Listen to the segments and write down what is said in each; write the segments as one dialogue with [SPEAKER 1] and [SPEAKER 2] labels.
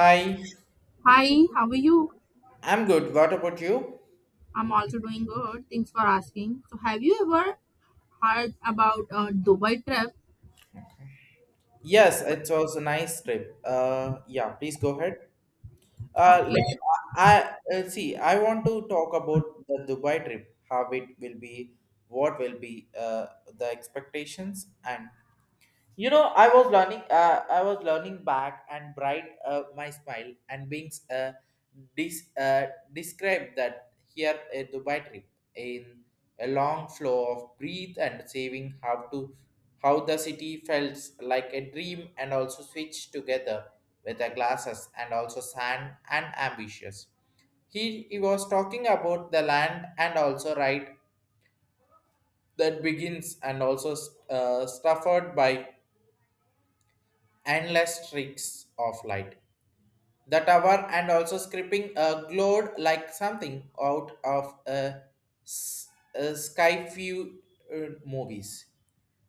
[SPEAKER 1] Hi,
[SPEAKER 2] Hi, how are you?
[SPEAKER 1] I'm good. What about you?
[SPEAKER 2] I'm also doing good. Thanks for asking. So, have you ever heard about a Dubai trip?
[SPEAKER 1] Yes, it was a nice trip. Yeah, please go ahead.
[SPEAKER 2] Okay.
[SPEAKER 1] Like I, I see, I want to talk about the Dubai trip, how it will be, what will be the expectations, and you know I was learning back and bright my smile and being dis- uh, described that here a dubai trip in a long flow of breathe and saving how to how the city felt like a dream and also switched together with the glasses and also sand and ambitious he was talking about the land and also right that begins and also suffered by endless streaks of light. The tower and also scripting glowed like something out of s- a sky view movies.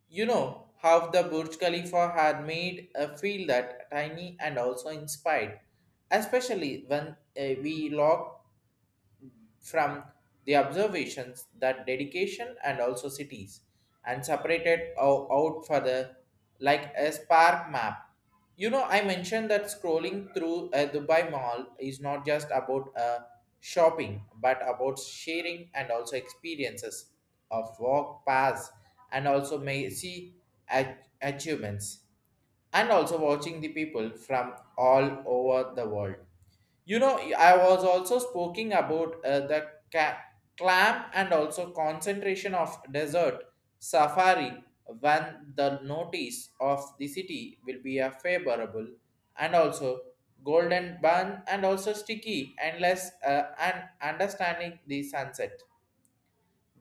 [SPEAKER 1] You know how the Burj Khalifa had made a feel that tiny and also inspired, especially when we logged from the observations that dedication and also cities and separated out further like a spark map. You know, I mentioned that scrolling through a Dubai mall is not just about shopping but about sharing and also experiences of walk paths and also may see achievements and also watching the people from all over the world. You know, I was also speaking about clam and also concentration of desert safari when the notice of the city will be a favorable and also golden bun and also sticky and less and understanding the sunset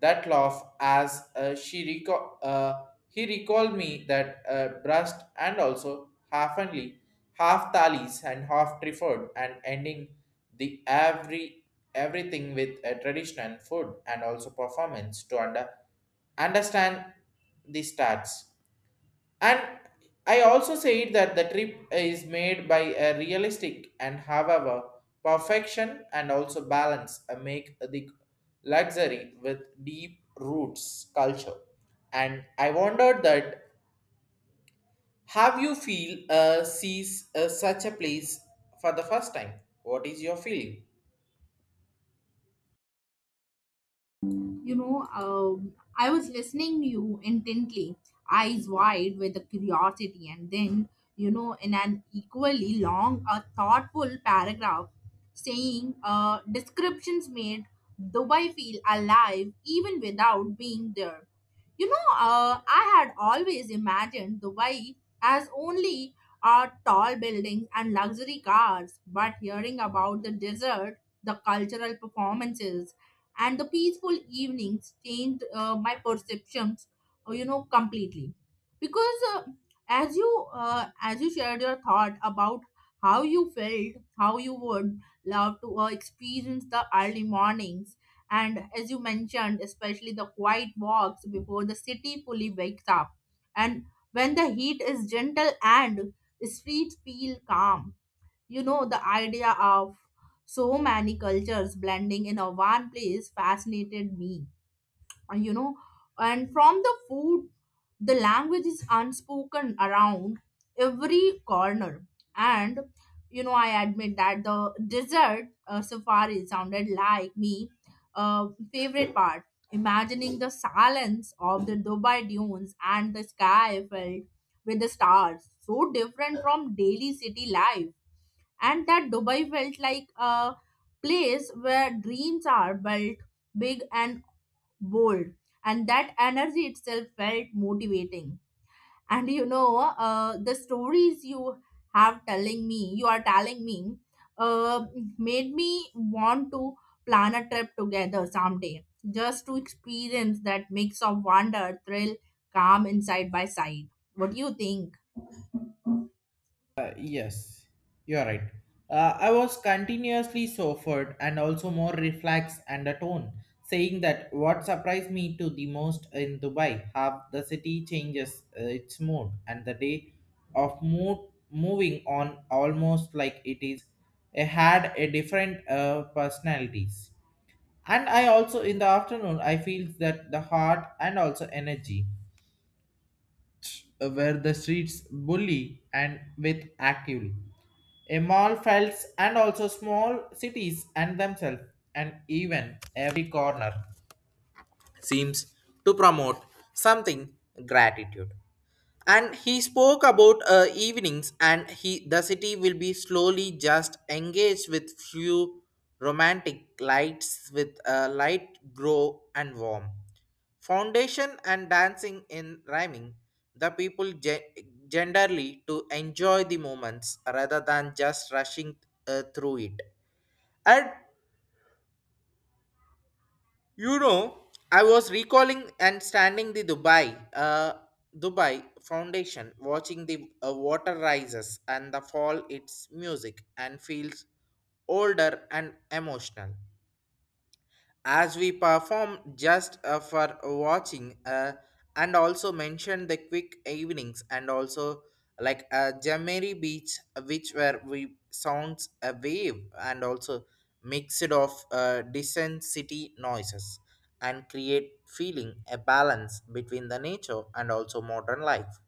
[SPEAKER 1] that laugh as he recalled me that breast and also half only half thallies and half trifford and ending the everything with a traditional food and also performance to understand the stats and I also said that the trip is made by a realistic and however perfection and also balance make the luxury with deep roots culture. And I wondered that have you feel sees such a place for the first time? What is your feeling?
[SPEAKER 2] I was listening to you intently, eyes wide with the curiosity, and then, in an equally long, a thoughtful paragraph saying, descriptions made Dubai feel alive even without being there. I had always imagined Dubai as only tall buildings and luxury cars, but hearing about the desert, the cultural performances, and the peaceful evenings changed my perceptions completely, because as you shared your thought about how you felt, how you would love to experience the early mornings, and as you mentioned, especially the quiet walks before the city fully wakes up, and when the heat is gentle and streets feel calm. The idea of so many cultures blending in a one place fascinated me. And, You know, and from the food, the language is unspoken around every corner. And I admit that the desert safari sounded like me uh, favorite part. Imagining the silence of the Dubai dunes and the sky filled with the stars, so different from daily city life. And that Dubai felt like a place where dreams are built big and bold, and that energy itself felt motivating. And the stories you are telling me uh, made me want to plan a trip together someday, just to experience that mix of wonder, thrill, calm and side by side. What do you think?
[SPEAKER 1] Yes, you are right. I was continuously suffered and also more reflex and a tone, saying that what surprised me to the most in Dubai, how the city changes its mood and the day of mood moving on almost like it is had a different personalities. And I also in the afternoon I feel that the heart and also energy were the streets bully and with actively. A mall felts and also small cities and themselves and even every corner seems to promote something gratitude. And he spoke about evenings, and he the city will be slowly just engaged with few romantic lights, with light grow and warm foundation and dancing in rhyming. The people genderly to enjoy the moments rather than just rushing through it. And you know, I was recalling and standing the Dubai Foundation, watching the water rises and the fall. Its music and feels older and emotional as we perform just for watching and also mention the quick evenings and also like Jamari Beach which where we sounds a wave and also mixed of distant city noises and create feeling a balance between the nature and also modern life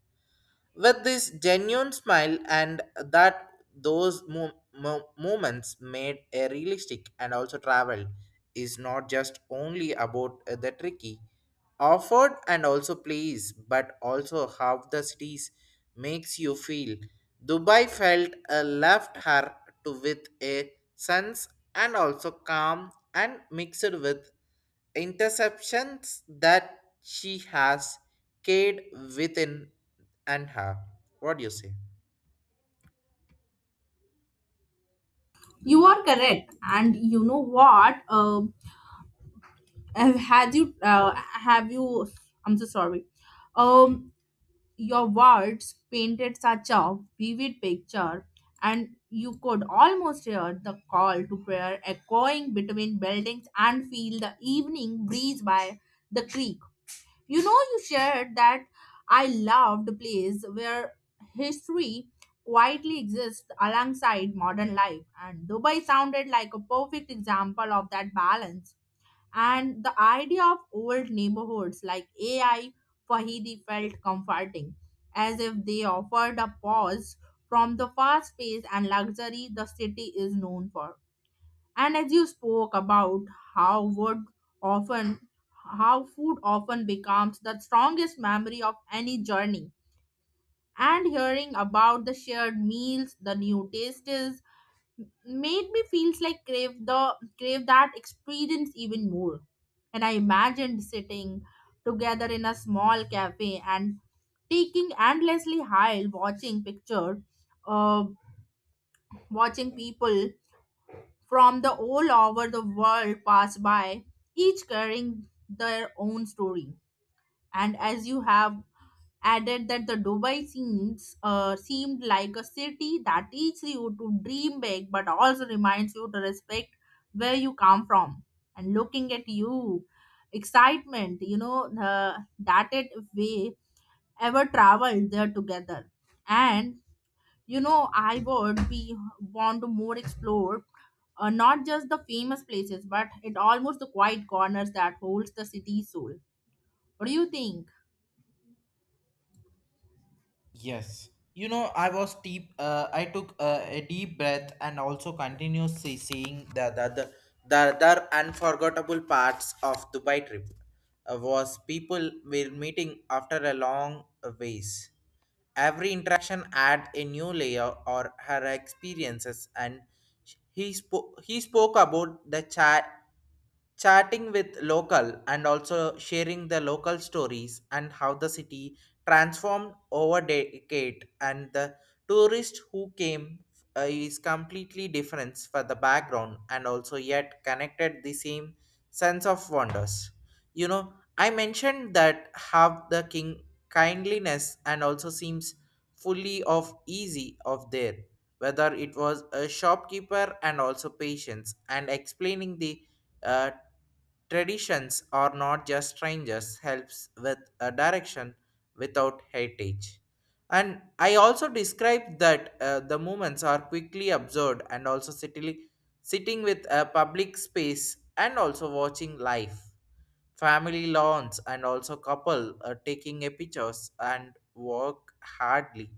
[SPEAKER 1] with this genuine smile and that those moments made a realistic and also travel is not just only about the tricky offered and also place but also how the cities makes you feel dubai felt left her to with a sense and also calm and mixed with interceptions that she has carried within and her. What do you say?
[SPEAKER 2] You are correct. And you know what? Have had you have you I'm so sorry. um your words painted such a vivid picture, and you could almost hear the call to prayer echoing between buildings and feel the evening breeze by the creek. You shared that I loved a place where history quietly exists alongside modern life, and Dubai sounded like a perfect example of that balance. And the idea of old neighborhoods like AI Fahidi felt comforting, as if they offered a pause from the fast pace and luxury the city is known for. And as you spoke about how wood often how food often becomes the strongest memory of any journey. And hearing about the shared meals, the new tastes, made me feels like crave that experience even more. And I imagined sitting together in a small cafe, and taking endlessly high watching picture, uh, watching people from the all over the world pass by, each carrying their own story. And as you have added that the Dubai scenes seemed like a city that teaches you to dream big but also reminds you to respect where you come from. And looking at you, excitement, that it we ever traveled there together. And I would be want to more explore, not just the famous places, but it almost the quiet corners that holds the city's soul. What do you think?
[SPEAKER 1] Yes. You know, I was deep. I took a deep breath and also continuously seeing the other unforgettable parts of Dubai trip. Was people were meeting after a long ways. Every interaction add a new layer or her experiences and he spoke about the chatting with local and also sharing the local stories and how the city transformed over decade and the tourist who came is completely different for the background and also yet connected the same sense of wonders you know I mentioned that how the king kindliness and also seems fully of easy of there whether it was a shopkeeper and also patience and explaining the uh, traditions are not just strangers helps with a direction without heritage and I also described that the movements are quickly observed and also sitting with a public space and also watching life family lawns and also couple taking a pictures and walk hardly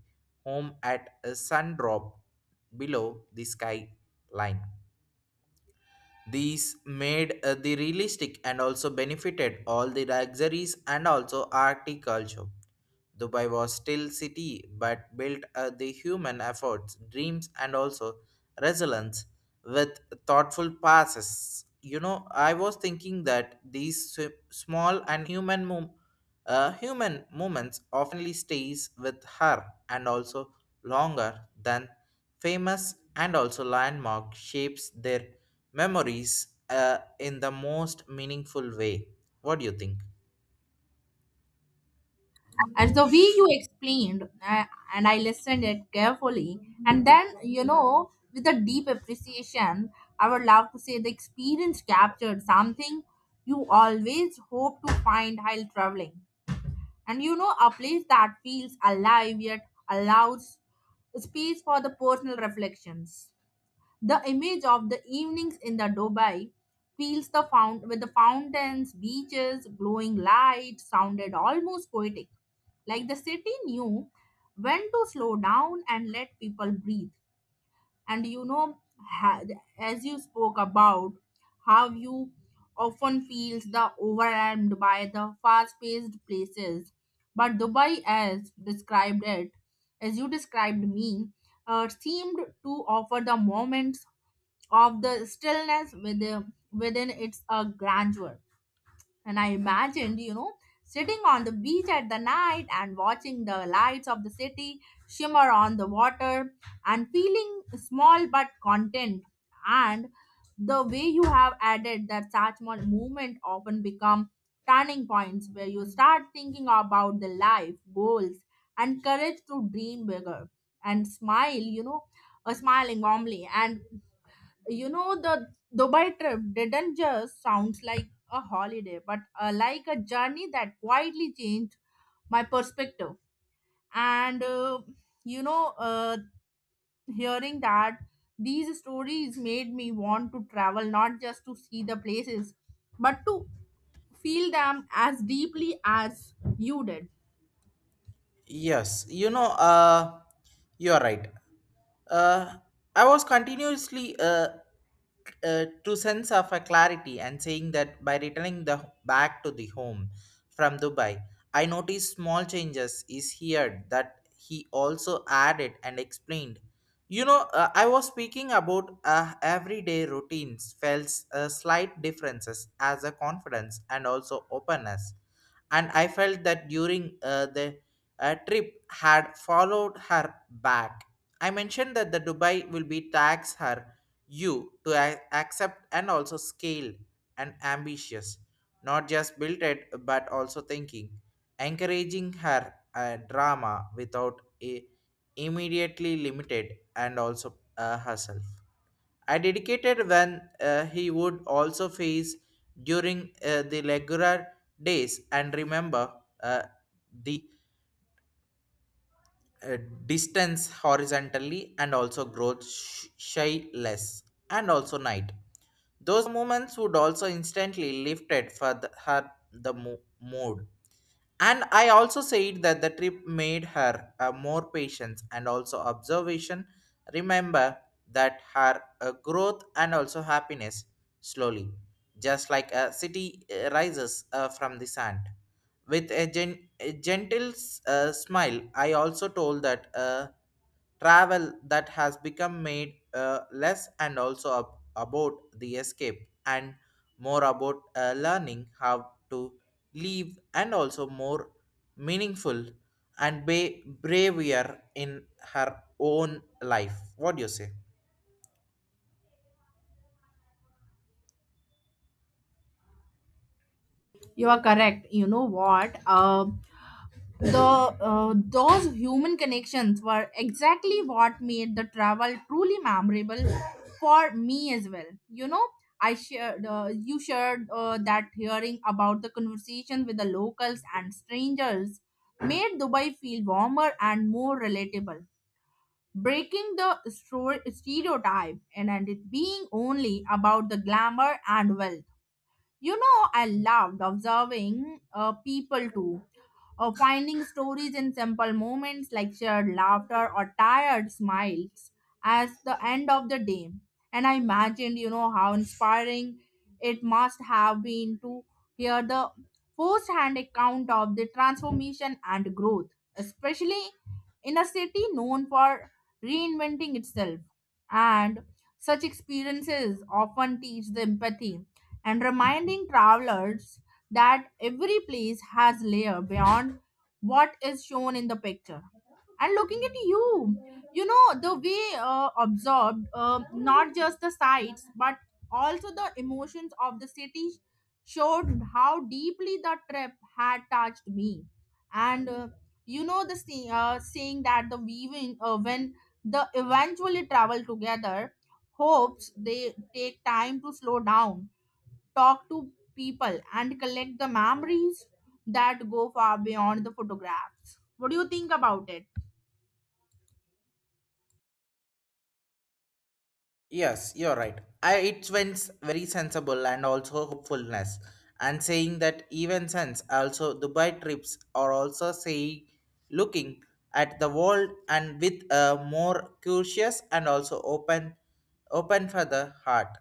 [SPEAKER 1] home at a sun drop below the skyline. These made the realistic and also benefited all the luxuries and also agriculture. Dubai was still city but built the human efforts, dreams and also resilience with thoughtful passes. You know, I was thinking that these small and human moments oftenly stays with her and also longer than famous and also landmark shapes their memories in the most meaningful way. What do you think?
[SPEAKER 2] And the way you explained, and I listened it carefully. And then with a deep appreciation, I would love to say the experience captured something you always hope to find while traveling. And a place that feels alive yet allows space for the personal reflections. The image of the evenings in the Dubai, feels the fount with the fountains, beaches, glowing lights sounded almost poetic. Like the city knew when to slow down and let people breathe. And ha- as you spoke about how you often feels the overwhelmed by the fast-paced places. But Dubai, as you described me, seemed to offer the moments of the stillness within its grandeur. And I imagined, sitting on the beach at the night and watching the lights of the city shimmer on the water, and feeling small but content. And the way you have added that such movement often become turning points where you start thinking about the life goals and courage to dream bigger. And smile, a smiling warmly. And the Dubai trip didn't just sounds like a holiday, but like a journey that quietly changed my perspective. And you know uh, hearing that these stories made me want to travel not just to see the places but to feel them as deeply as you did.
[SPEAKER 1] Yes, you know, you are right. Uh, I was continuously to sense of a clarity and saying that by returning the back to the home from Dubai, I noticed small changes is here that he also added and explained. You know, I was speaking about everyday routines felt slight differences as a confidence and also openness, and I felt that during the trip had followed her back. I mentioned that the Dubai will be tax her you to accept and also scale and ambitious, not just built it but also thinking, encouraging her a drama without a immediately limited and also herself. I dedicated when he would also face during the regular days and remember uh, the uh, distance horizontally and also growth shy less and also night. Those moments would also instantly lifted for the, her the mood and I also said that the trip made her more patient and also observation. Remember that her growth and also happiness slowly, just like a city rises from the sand. With a, a gentle smile, I also told that travel that has become made less and also ab- about the escape and more about learning how to leave and also more meaningful and braver in her own life. What do you say?
[SPEAKER 2] You are correct. You know what? The Those human connections were exactly what made the travel truly memorable for me as well. I shared You shared that hearing about the conversation with the locals and strangers made Dubai feel warmer and more relatable. Breaking the stereotype, and it being only about the glamour and wealth. I loved observing people too, finding stories in simple moments like shared laughter or tired smiles as the end of the day. And I imagined, how inspiring it must have been to hear the first hand account of the transformation and growth, especially in a city known for reinventing itself. And such experiences often teach the empathy and reminding travelers that every place has layer beyond what is shown in the picture. And looking at you, you know the way absorbed not just the sights but also the emotions of the city showed how deeply the trip had touched me. And saying that the weaving, when the eventually travel together, hopes they take time to slow down, talk to people, and collect the memories that go far beyond the photographs. What do you think about it?
[SPEAKER 1] Yes, you're right. I it went very sensible and also hopefulness, and saying that even since also Dubai trips are also say looking at the world and with a more curious and also open for the heart,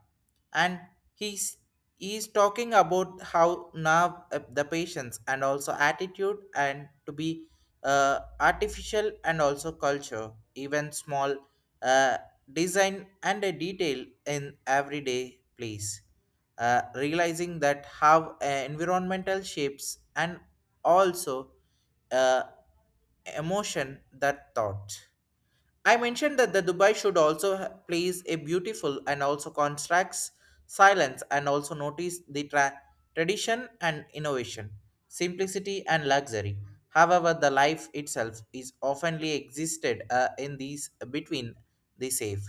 [SPEAKER 1] and he's he's talking about how now the patience and also attitude and to be artificial and also culture even small uh, design and a detail in everyday place realizing that how environmental shapes and also uh, emotion that thought I mentioned that the Dubai should also plays a beautiful and also constructs silence and also notice the tradition and innovation, simplicity and luxury. However, the life itself is oftenly existed in these between the safe.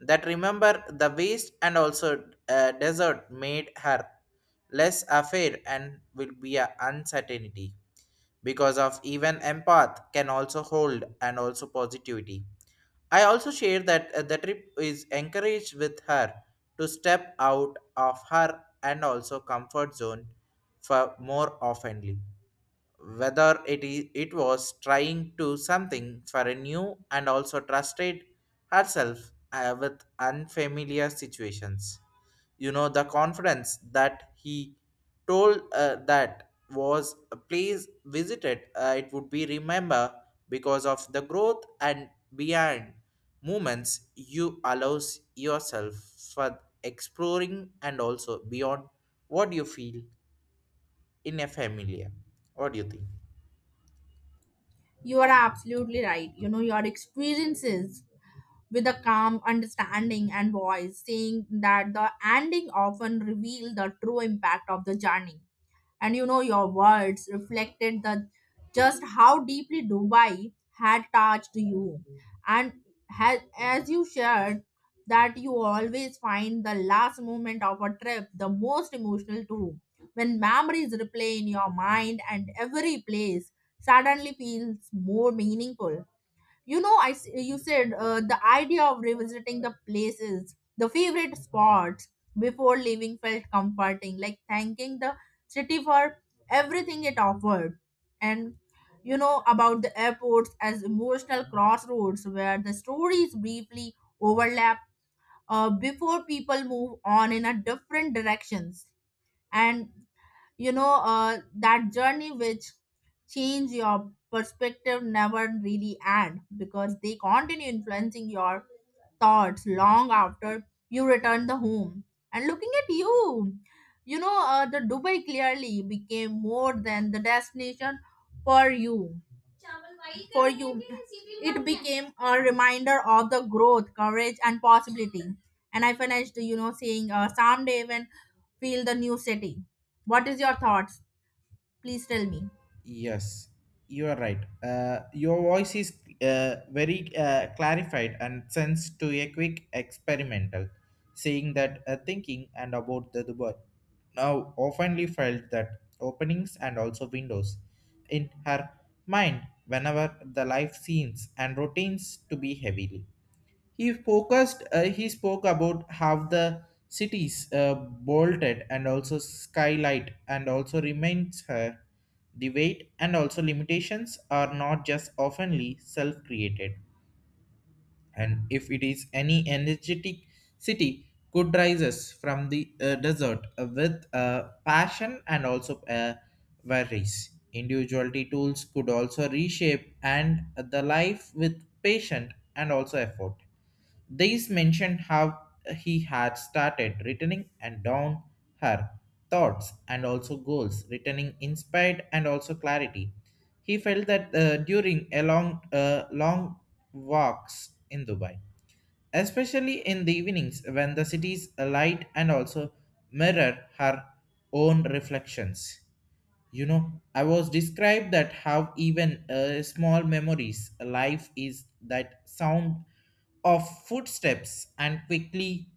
[SPEAKER 1] That remember the waste and also desert made her less affair and will be a uncertainty because of even empath can also hold and also positivity. I also share that the trip is encouraged with her to step out of her and also comfort zone for more oftenly whether it was trying to something for a new and also trusted herself with unfamiliar situations. You know the confidence that he told that was please visited it would be remember because of the growth and beyond moments you allows yourself for exploring and also beyond what you feel in a familiar. What do you think?
[SPEAKER 2] You are absolutely right. Your experiences with a calm understanding and voice, saying that the ending often reveal the true impact of the journey. And your words reflected the just how deeply Dubai had touched you. and as you shared that you always find the last moment of a trip the most emotional too, when memories replay in your mind and every place suddenly feels more meaningful. You said the idea of revisiting the places, the favorite spots before leaving, felt comforting, like thanking the city for everything it offered. And about the airports as emotional crossroads where the stories briefly overlap, before people move on in a different directions. And you know uh, that journey which change your perspective never really end, because they continue influencing your thoughts long after you return the home. And looking at you, you know the Dubai clearly became more than the destination for you. for you it became a reminder of the growth, courage and possibility. And I finished, saying, someday even feel the new city. What is your thoughts? Please tell me.
[SPEAKER 1] Yes, you are right. Your voice is very clarified and sends to a quick experimental, saying that thinking and about the Dubai. Now, oftenly felt that openings and also windows in her mind whenever the life scenes and routines to be heavily. He focused. He spoke about how the cities bolted and also skylight and also remains her. The weight and also limitations are not just oftenly self-created, and if it is any energetic city could rises from the desert with passion and also worries. Individuality tools could also reshape and the life with patient and also effort. These mentioned how he had started returning and down her thoughts and also goals, returning inspired and also clarity. He felt that during a long walks in Dubai, especially in the evenings when the city's light and also mirror her own reflections. You know, I was described that how even small memories, a life is that sound of footsteps and quickly,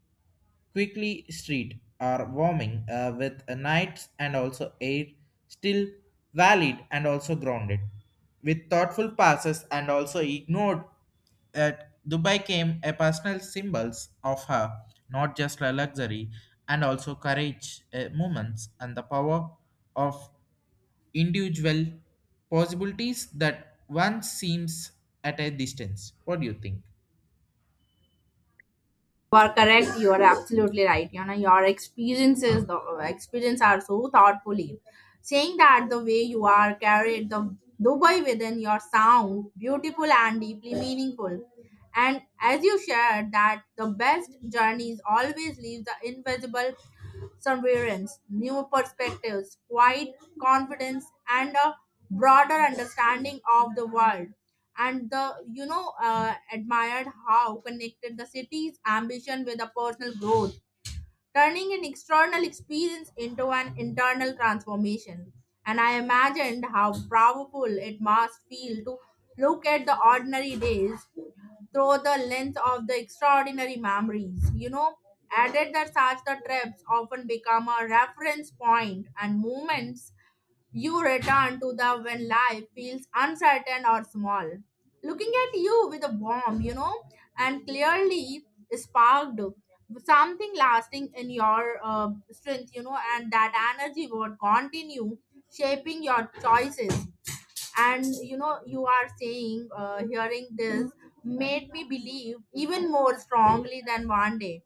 [SPEAKER 1] quickly street are warming with nights and also air still valid and also grounded with thoughtful passes and also ignored that Dubai came a personal symbols of her, not just a luxury and also courage moments and the power of individual possibilities that one seems at a distance. What do you think?
[SPEAKER 2] You are correct. You are absolutely right. Your experiences, the experience are so thoughtfully. Saying that the way you are carried the Dubai within your sound, beautiful and deeply meaningful. And as you shared that the best journeys always leave the invisible surveillance, new perspectives, quiet confidence, and a broader understanding of the world. And the you know admired how connected the city's ambition with the personal growth, turning an external experience into an internal transformation. And I imagined how powerful it must feel to look at the ordinary days through the lens of the extraordinary memories. Added that such the trips often become a reference point and moments you return to the when life feels uncertain or small. Looking at you with a warm, and clearly sparked something lasting in your strength. And that energy would continue shaping your choices. And you are saying, hearing this made me believe even more strongly than one day,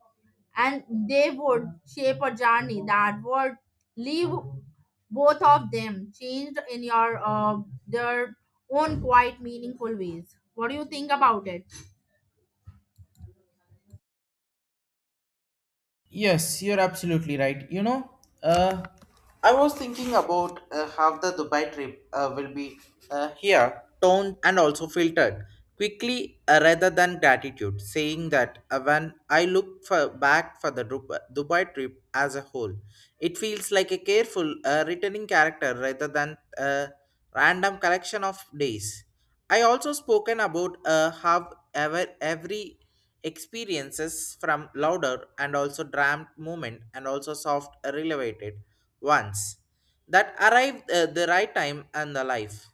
[SPEAKER 2] and they would shape a journey that would leave both of them changed in your their own quite meaningful ways. What do you think about it?
[SPEAKER 1] Yes, you're absolutely right. You know, uh, I was thinking about how the Dubai trip will be here, toned and also filtered quickly rather than gratitude, saying that when I look for, back for the Dubai trip as a whole, it feels like a careful returning character rather than a random collection of days. I also spoken about how ever every experiences from louder and also dramt movement and also soft elevated ones that arrived the right time and the life.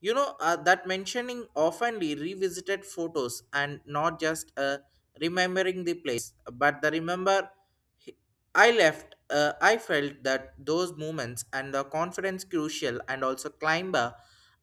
[SPEAKER 1] That mentioning oftenly revisited photos and not just remembering the place, but the remember I left. I felt that those moments and the confidence crucial and also climber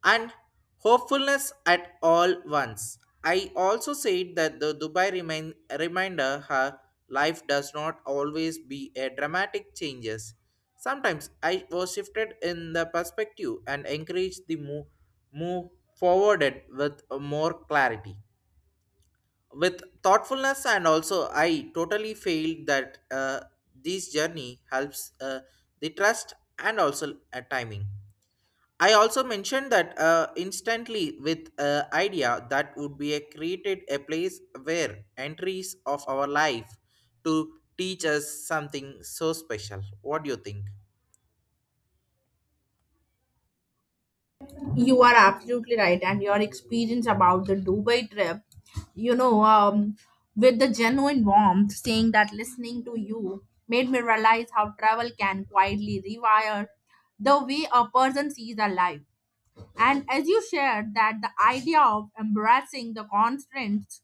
[SPEAKER 1] and hopefulness at all once. I also said that the Dubai reminder her life does not always be a dramatic changes. Sometimes I was shifted in the perspective and encouraged the move forwarded with more clarity. With thoughtfulness and also I totally feel that this journey helps the trust and also timing. I also mentioned that instantly with idea that would be a created a place where entries of our life to teach us something so special. What do you think?
[SPEAKER 2] You are absolutely right, and your experience about the Dubai trip, you know, um, with the genuine warmth, saying that listening to you made me realize how travel can quietly rewire the way a person sees a life. And as you shared that the idea of embracing the constraints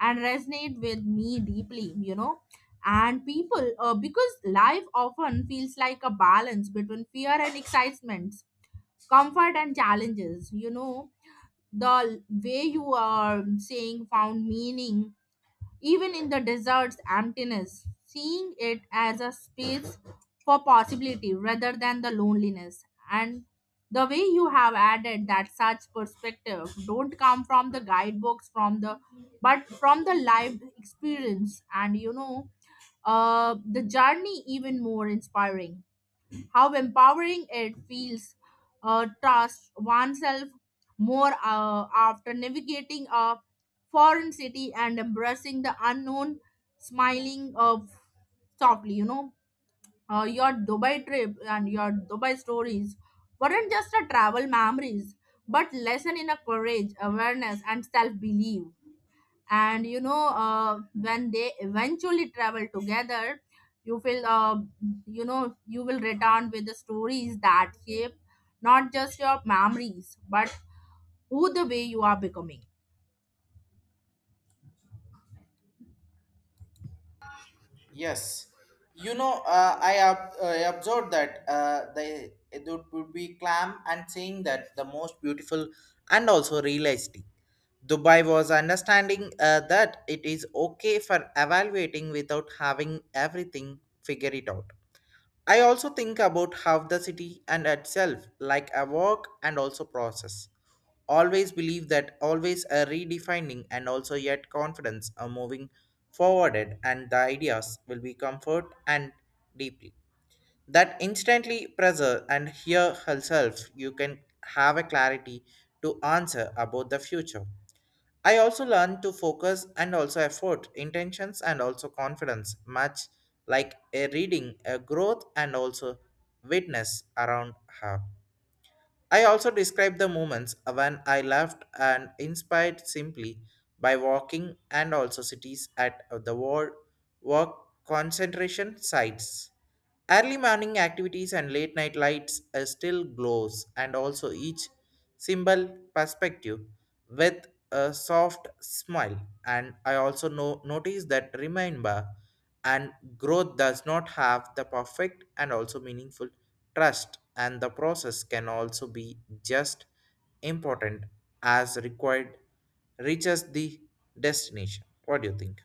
[SPEAKER 2] and resonate with me deeply, and people, because life often feels like a balance between fear and excitement, comfort and challenges. The way you are saying found meaning even in the desert's emptiness, seeing it as a space for possibility rather than the loneliness. And the way you have added that such perspective don't come from the guidebooks, from the but from the live experience. And the journey even more inspiring, how empowering it feels, trust oneself more, after navigating a foreign city and embracing the unknown. Smiling softly, your Dubai trip and your Dubai stories weren't just a travel memories but lesson in a courage, awareness and self-belief. And when they eventually travel together, you will uh, you will return with the stories that shape not just your memories but who the way you are becoming.
[SPEAKER 1] Yes, you know, observed that the it would be clam and saying that the most beautiful and also realistic. Dubai was understanding that it is okay for evaluating without having everything figure it out. I also think about how the city and itself, like a walk and also process. Always believe that always a redefining and also yet confidence are moving forwarded and the ideas will be comfort and deeply. That instantly pressure and hear herself you can have a clarity to answer about the future. I also learned to focus and also effort, intentions and also confidence, much like a reading, a growth and also witness around her. I also describe the moments when I left and inspired simply by walking and also cities at the world work concentration sites. Early morning activities and late night lights are still glows and also each symbol perspective with a soft smile and I also notice that remember and growth does not have the perfect and also meaningful trust and the process can also be just important as required reaches the destination. What do you think?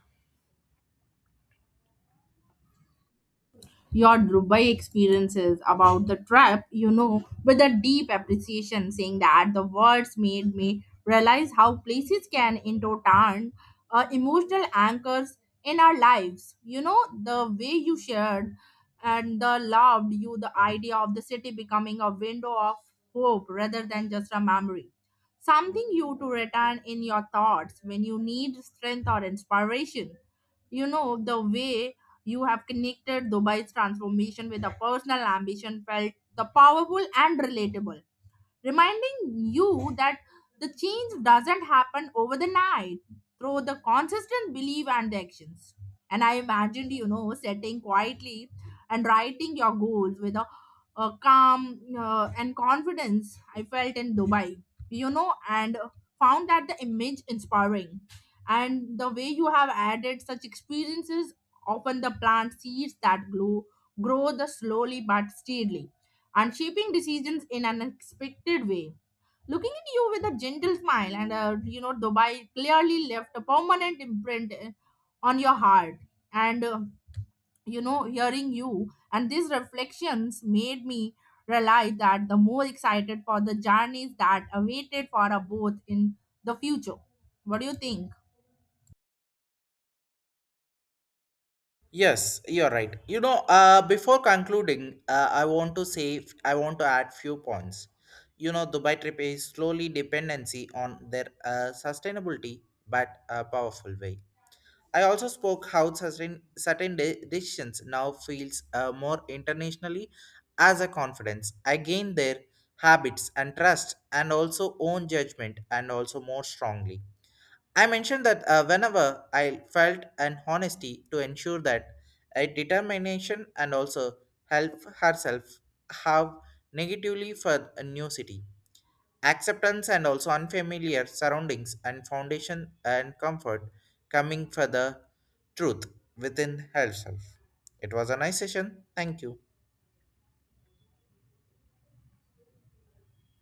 [SPEAKER 2] Your Dubai experiences about the trip, with a deep appreciation, saying that the words made me realize how places can into turn emotional anchors in our lives. The way you shared, and the loved you the idea of the city becoming a window of hope rather than just a memory. Something you to return in your thoughts when you need strength or inspiration. The way you have connected Dubai's transformation with a personal ambition felt the powerful and relatable, reminding you that the change doesn't happen over the night, through the consistent belief and the actions. And I imagined, sitting quietly and writing your goals with a calm and confidence I felt in Dubai, and found that the image inspiring. And the way you have added such experiences, often the plant seeds that grow the slowly but steadily, and shaping decisions in an unexpected way. Looking at you with a gentle smile, and Dubai clearly left a permanent imprint, on your heart. And hearing you and these reflections made me realize that the more excited for the journeys that awaited for us both in the future. What do you think?
[SPEAKER 1] Yes, you're right. You know, before concluding, I want to add few points. You know, Dubai trip is slowly dependency on their sustainability but a powerful way. I also spoke how certain decisions now feels more internationally as a confidence. I gain their habits and trust, and also own judgment, and also more strongly. I mentioned that whenever I felt an honesty to ensure that a determination and also help herself have negatively for a new city acceptance and also unfamiliar surroundings and foundation and comfort coming for the truth within herself. It was a nice session. Thank you.